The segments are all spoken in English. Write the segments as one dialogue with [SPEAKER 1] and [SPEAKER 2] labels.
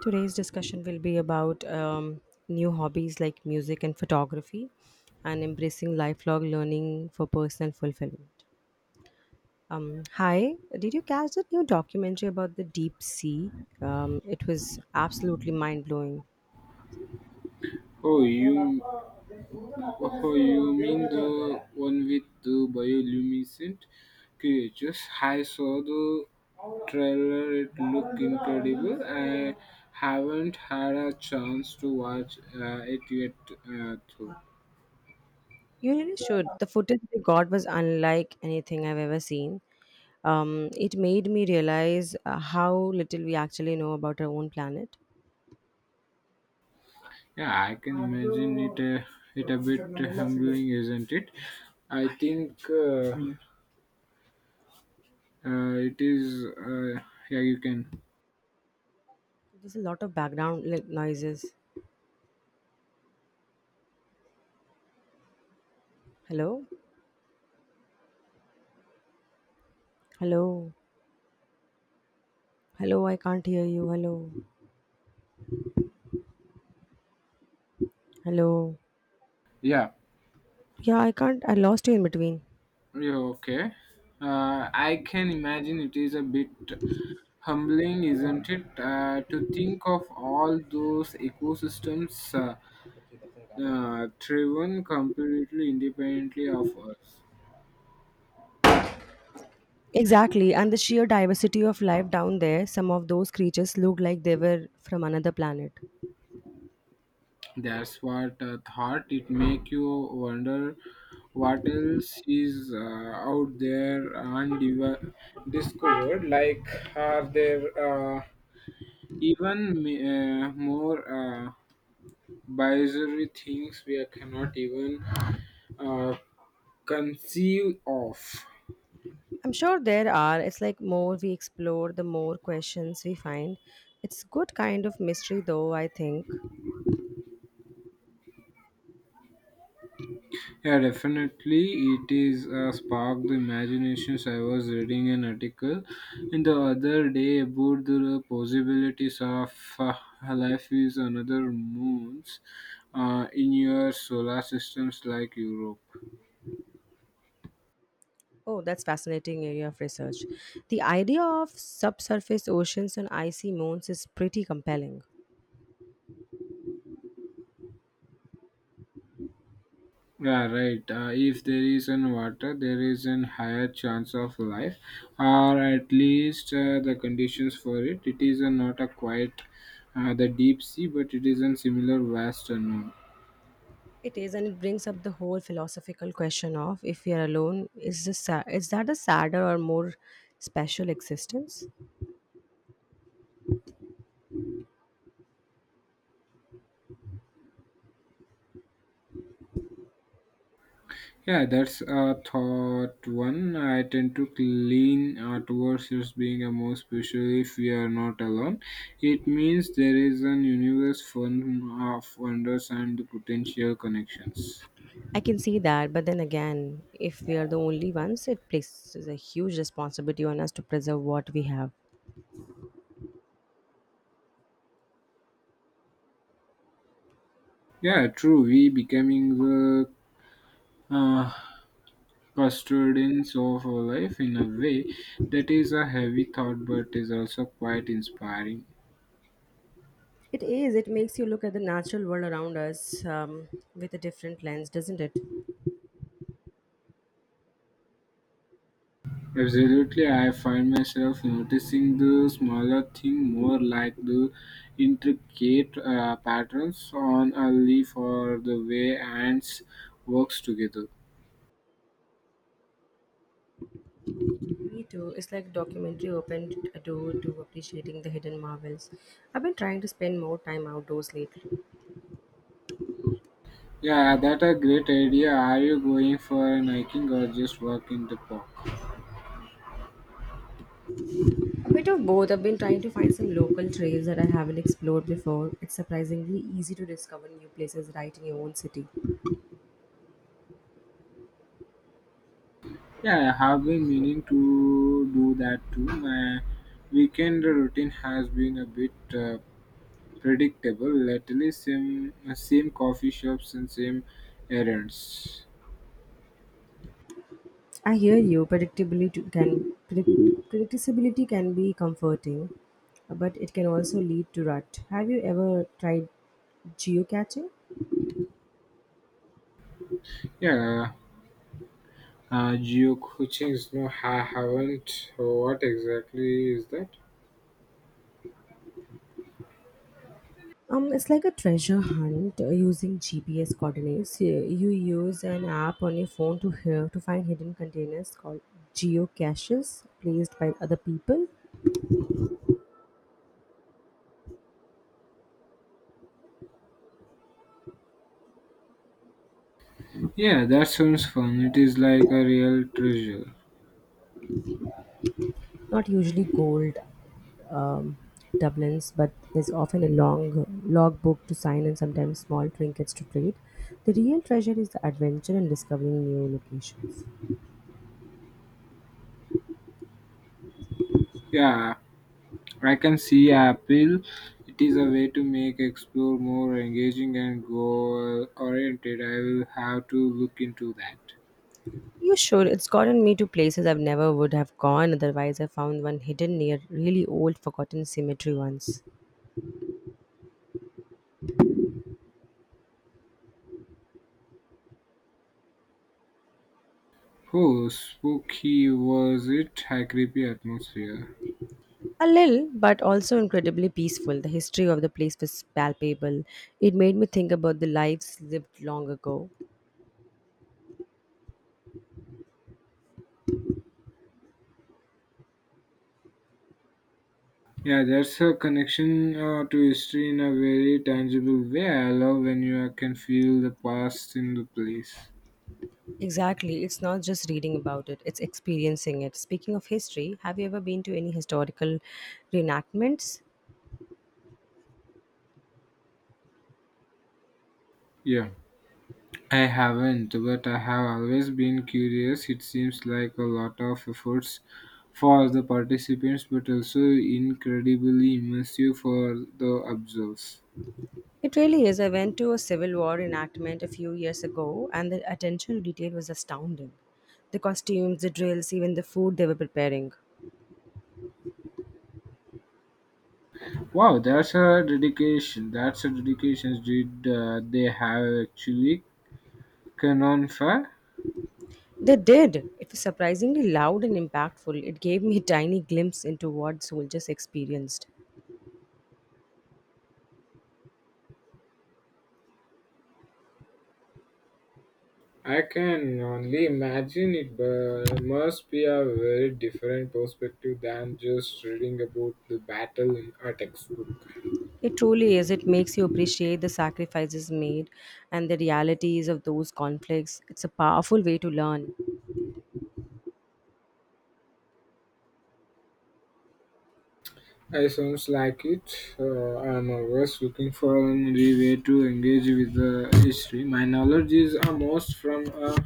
[SPEAKER 1] Today's discussion will be about new hobbies like music and photography and embracing lifelong learning for personal fulfillment. Hi, did you catch that new documentary about the deep sea? It was absolutely mind blowing.
[SPEAKER 2] Oh, you, oh, you mean the one with the bioluminescent creatures? I saw the trailer; it looked incredible. I haven't had a chance to watch it yet, though.
[SPEAKER 1] You really should. The footage we got was unlike anything I've ever seen. It made me realize how little we actually know about our own planet.
[SPEAKER 2] Yeah, I can imagine it. It a bit humbling, isn't it? I think it is. Yeah, you can.
[SPEAKER 1] There's a lot of background like, noises. Hello? Hello? Hello, I can't hear you. Hello. Hello.
[SPEAKER 2] Yeah.
[SPEAKER 1] Yeah, I can't. I lost you in between.
[SPEAKER 2] Yeah, okay. I can imagine it is a bit humbling, isn't it? To think of all those ecosystems driven completely independently of us.
[SPEAKER 1] Exactly. And the sheer diversity of life down there, some of those creatures look like they were from another planet.
[SPEAKER 2] That's what thought it make you wonder what else is out there undiscovered. Like, are there even more? Bizarre things we cannot even uh, conceive of.
[SPEAKER 1] I'm sure there are. It's like more we explore, the more questions we find. It's good kind of mystery though, I think.
[SPEAKER 2] Yeah, definitely. It is sparked the imaginations. I was reading an article in the other day about the possibilities of life is another moons in your solar systems like Europe.
[SPEAKER 1] Oh, that's fascinating area of research. The idea of subsurface oceans and icy moons is pretty compelling.
[SPEAKER 2] Yeah, right. If there is an water, there is an higher chance of life, or at least the conditions for it. It is not a quiet, the deep sea, but it is a similar vast unknown.
[SPEAKER 1] It is, and it brings up the whole philosophical question of if we are alone, is that a sadder or more special existence?
[SPEAKER 2] Yeah, that's a thought one. I tend to lean towards this being a more special if we are not alone. It means there is an universe full of wonders and potential connections.
[SPEAKER 1] I can see that, but then again, if we are the only ones, it places a huge responsibility on us to preserve what we have.
[SPEAKER 2] Yeah, true. We becoming the uh, custodians of our life in a way that is a heavy thought but is also quite inspiring.
[SPEAKER 1] It is. It makes you look at the natural world around us with a different lens, doesn't it?
[SPEAKER 2] Absolutely, I find myself noticing the smaller thing more like the intricate patterns on a leaf or the way ants works together.
[SPEAKER 1] Me too. It's like documentary opened a door to appreciating the hidden marvels. I've been trying to spend more time outdoors lately.
[SPEAKER 2] Yeah, that a great idea. Are you going for an hiking or just walk in the park?
[SPEAKER 1] A bit of both. I've been trying to find some local trails that I haven't explored before. It's surprisingly easy to discover new places right in your own city.
[SPEAKER 2] Yeah, I have been meaning to do that too. My weekend routine has been a bit predictable, at least same, same coffee shops and same errands.
[SPEAKER 1] I hear you. Predictability can be comforting, but it can also lead to rut. Have you ever tried geocaching?
[SPEAKER 2] Yeah, geocaching, no, I haven't. What exactly is that?
[SPEAKER 1] It's like a treasure hunt using GPS coordinates. You use an app on your phone to hear to find hidden containers called geocaches placed by other people.
[SPEAKER 2] Yeah, that sounds fun. It is like a real treasure.
[SPEAKER 1] Not usually gold um, doubloons, but there's often a long log book to sign and sometimes small trinkets to trade. The real treasure is the adventure and discovering new locations.
[SPEAKER 2] Yeah, I can see appeal. It is a way to make explore more engaging and goal oriented. I will have to look into that.
[SPEAKER 1] You sure? It's gotten me to places I've never would have gone otherwise. I found one hidden near really old, forgotten cemetery once.
[SPEAKER 2] Oh, spooky was it? High creepy atmosphere.
[SPEAKER 1] A little, but also incredibly peaceful. The history of the place was palpable. It made me think about the lives lived long ago.
[SPEAKER 2] Yeah, that's a connection to history in a very tangible way. I love when you can feel the past in the place.
[SPEAKER 1] Exactly. It's not just reading about it, it's experiencing it. Speaking of history, have you ever been to any historical reenactments?
[SPEAKER 2] Yeah, I haven't, but I have always been curious. It seems like a lot of efforts for the participants, but also incredibly immersive for the observers.
[SPEAKER 1] It really is. I went to a Civil War enactment a few years ago, and the attention to detail was astounding. The costumes, the drills, even the food they were preparing.
[SPEAKER 2] Wow, that's a dedication. That's a dedication. Did they have actually canon fire?
[SPEAKER 1] They did. It was surprisingly loud and impactful. It gave me a tiny glimpse into what soldiers experienced.
[SPEAKER 2] I can only imagine it but must be a very different perspective than just reading about the battle in a textbook.
[SPEAKER 1] It truly is. It makes you appreciate the sacrifices made and the realities of those conflicts. It's a powerful way to learn.
[SPEAKER 2] I sounds like it. I'm always looking for a new way to engage with the history. My knowledge is most from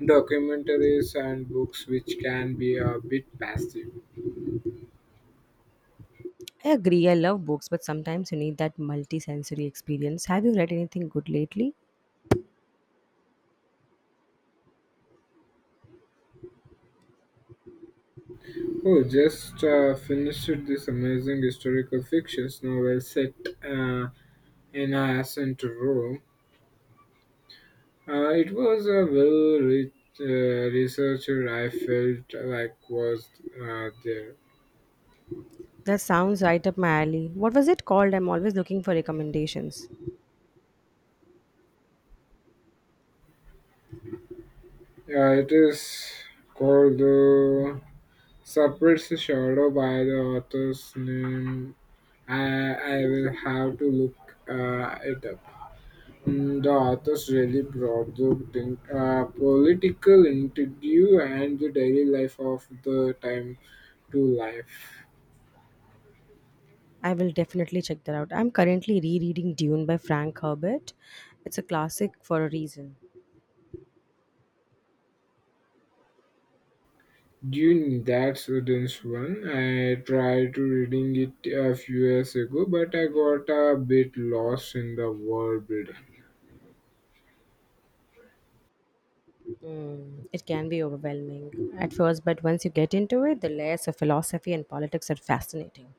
[SPEAKER 2] documentaries and books, which can be a bit passive.
[SPEAKER 1] I agree. I love books, but sometimes you need that multi-sensory experience. Have you read anything good lately?
[SPEAKER 2] Oh, just finished this amazing historical fiction novel set uh, in ancient Rome. It was a well researcher I felt like was there.
[SPEAKER 1] That sounds right up my alley. What was it called? I'm always looking for recommendations.
[SPEAKER 2] Yeah, it is called the Suppressed Shadow by the author's name. I, I will have to look it up. Mm, the authors really brought the thing, political interview and the daily life of the time to life.
[SPEAKER 1] I will definitely check that out. I'm currently rereading Dune by Frank Herbert. It's a classic for a reason.
[SPEAKER 2] Dude, that's a dense one. I tried to reading it a few years ago, but I got a bit lost in the world building.
[SPEAKER 1] Mm, it can be overwhelming at first, but once you get into it, the layers of philosophy and politics are fascinating.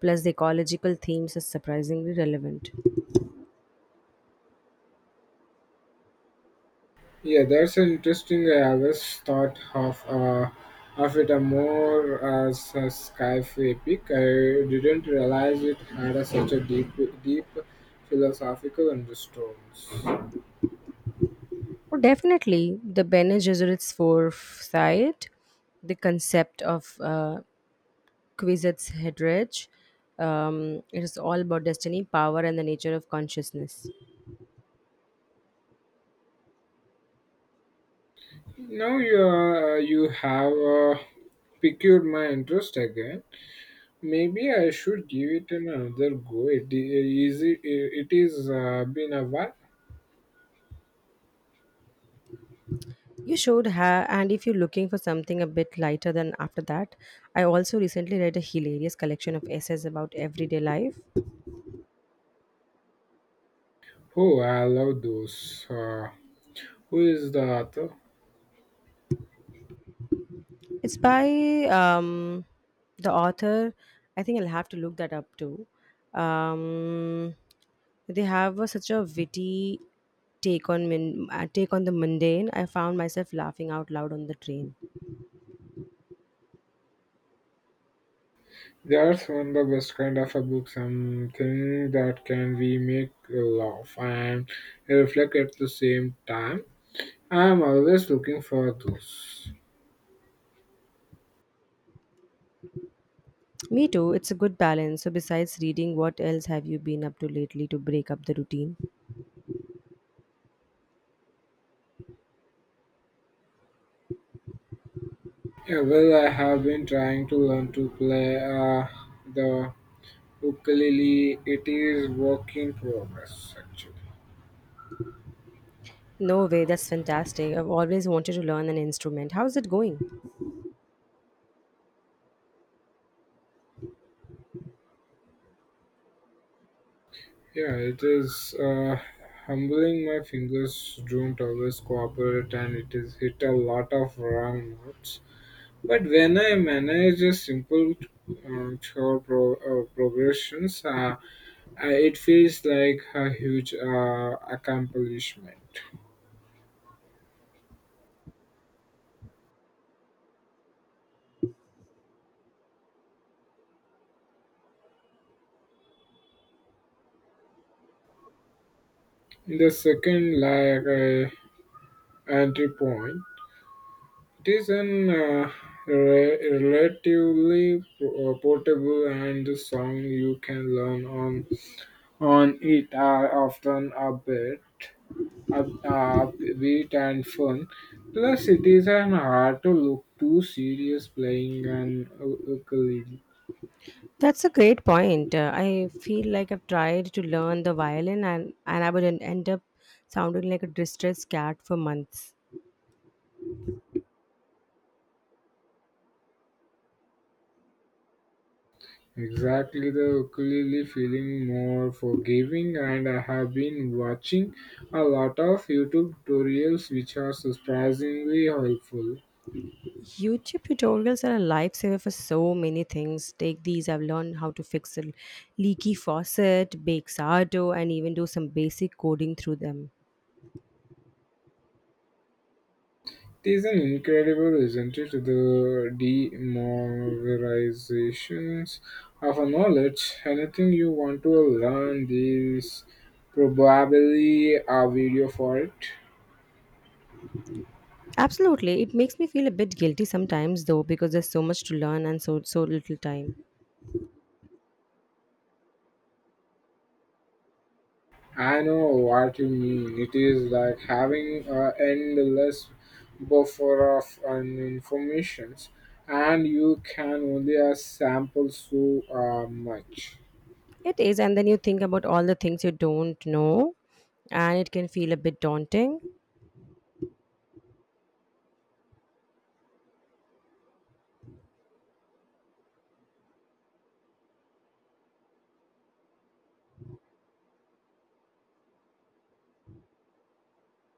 [SPEAKER 1] Plus, the ecological themes are surprisingly relevant.
[SPEAKER 2] Yeah, that's an interesting. I always thought of it a more as a sci-fi epic. I didn't realize it had a, such a deep philosophical undertones.
[SPEAKER 1] Well, definitely, the Bene Gesserit's foresight, the concept of Quizette's headrage, it is all about destiny, power, and the nature of consciousness.
[SPEAKER 2] Now you have piqued my interest again. Maybe I should give it another go. It is. It is been a while.
[SPEAKER 1] You should have, and if you're looking for something a bit lighter than after that, I also recently read a hilarious collection of essays about everyday life.
[SPEAKER 2] Oh, I love those. Who is the author?
[SPEAKER 1] It's by the author. I think I'll have to look that up too. Um, they have a, such a witty take on the mundane. I found myself laughing out loud on the train.
[SPEAKER 2] That's one of the best kind of a book, something that can be make laugh and reflect at the same time. I am always looking for those.
[SPEAKER 1] Me too. It's a good balance. So besides reading, what else have you been up to lately to break up the routine?
[SPEAKER 2] Yeah, well, I have been trying to learn to play the ukulele. It is work in progress, actually.
[SPEAKER 1] No way. That's fantastic. I've always wanted to learn an instrument. How's it going?
[SPEAKER 2] Yeah, it is humbling. My fingers don't always cooperate, and it is hit a lot of wrong notes. But when I manage a simple chord progressions, it feels like a huge accomplishment. The second, like entry point, it is an relatively portable and the song you can learn on it are often a bit upbeat and fun. Plus, it isn't hard to look too serious playing an ukulele.
[SPEAKER 1] That's a great point. I feel like I've tried to learn the violin and I would end up sounding like a distressed cat for months.
[SPEAKER 2] Exactly, the ukulele feeling more forgiving, and I have been watching a lot of YouTube tutorials which are surprisingly helpful.
[SPEAKER 1] YouTube tutorials are a lifesaver for so many things. Take these, I've learned how to fix a leaky faucet, bake sourdough, and even do some basic coding through them.
[SPEAKER 2] It is an incredible, isn't it? The demoralizations of a knowledge. Anything you want to learn, this probably a video for it.
[SPEAKER 1] Absolutely. It makes me feel a bit guilty sometimes though because there's so much to learn and so little time.
[SPEAKER 2] I know what you mean. It is like having an endless buffer of an informations, and you can only sample so much.
[SPEAKER 1] It is and then you think about all the things you don't know and it can feel a bit daunting.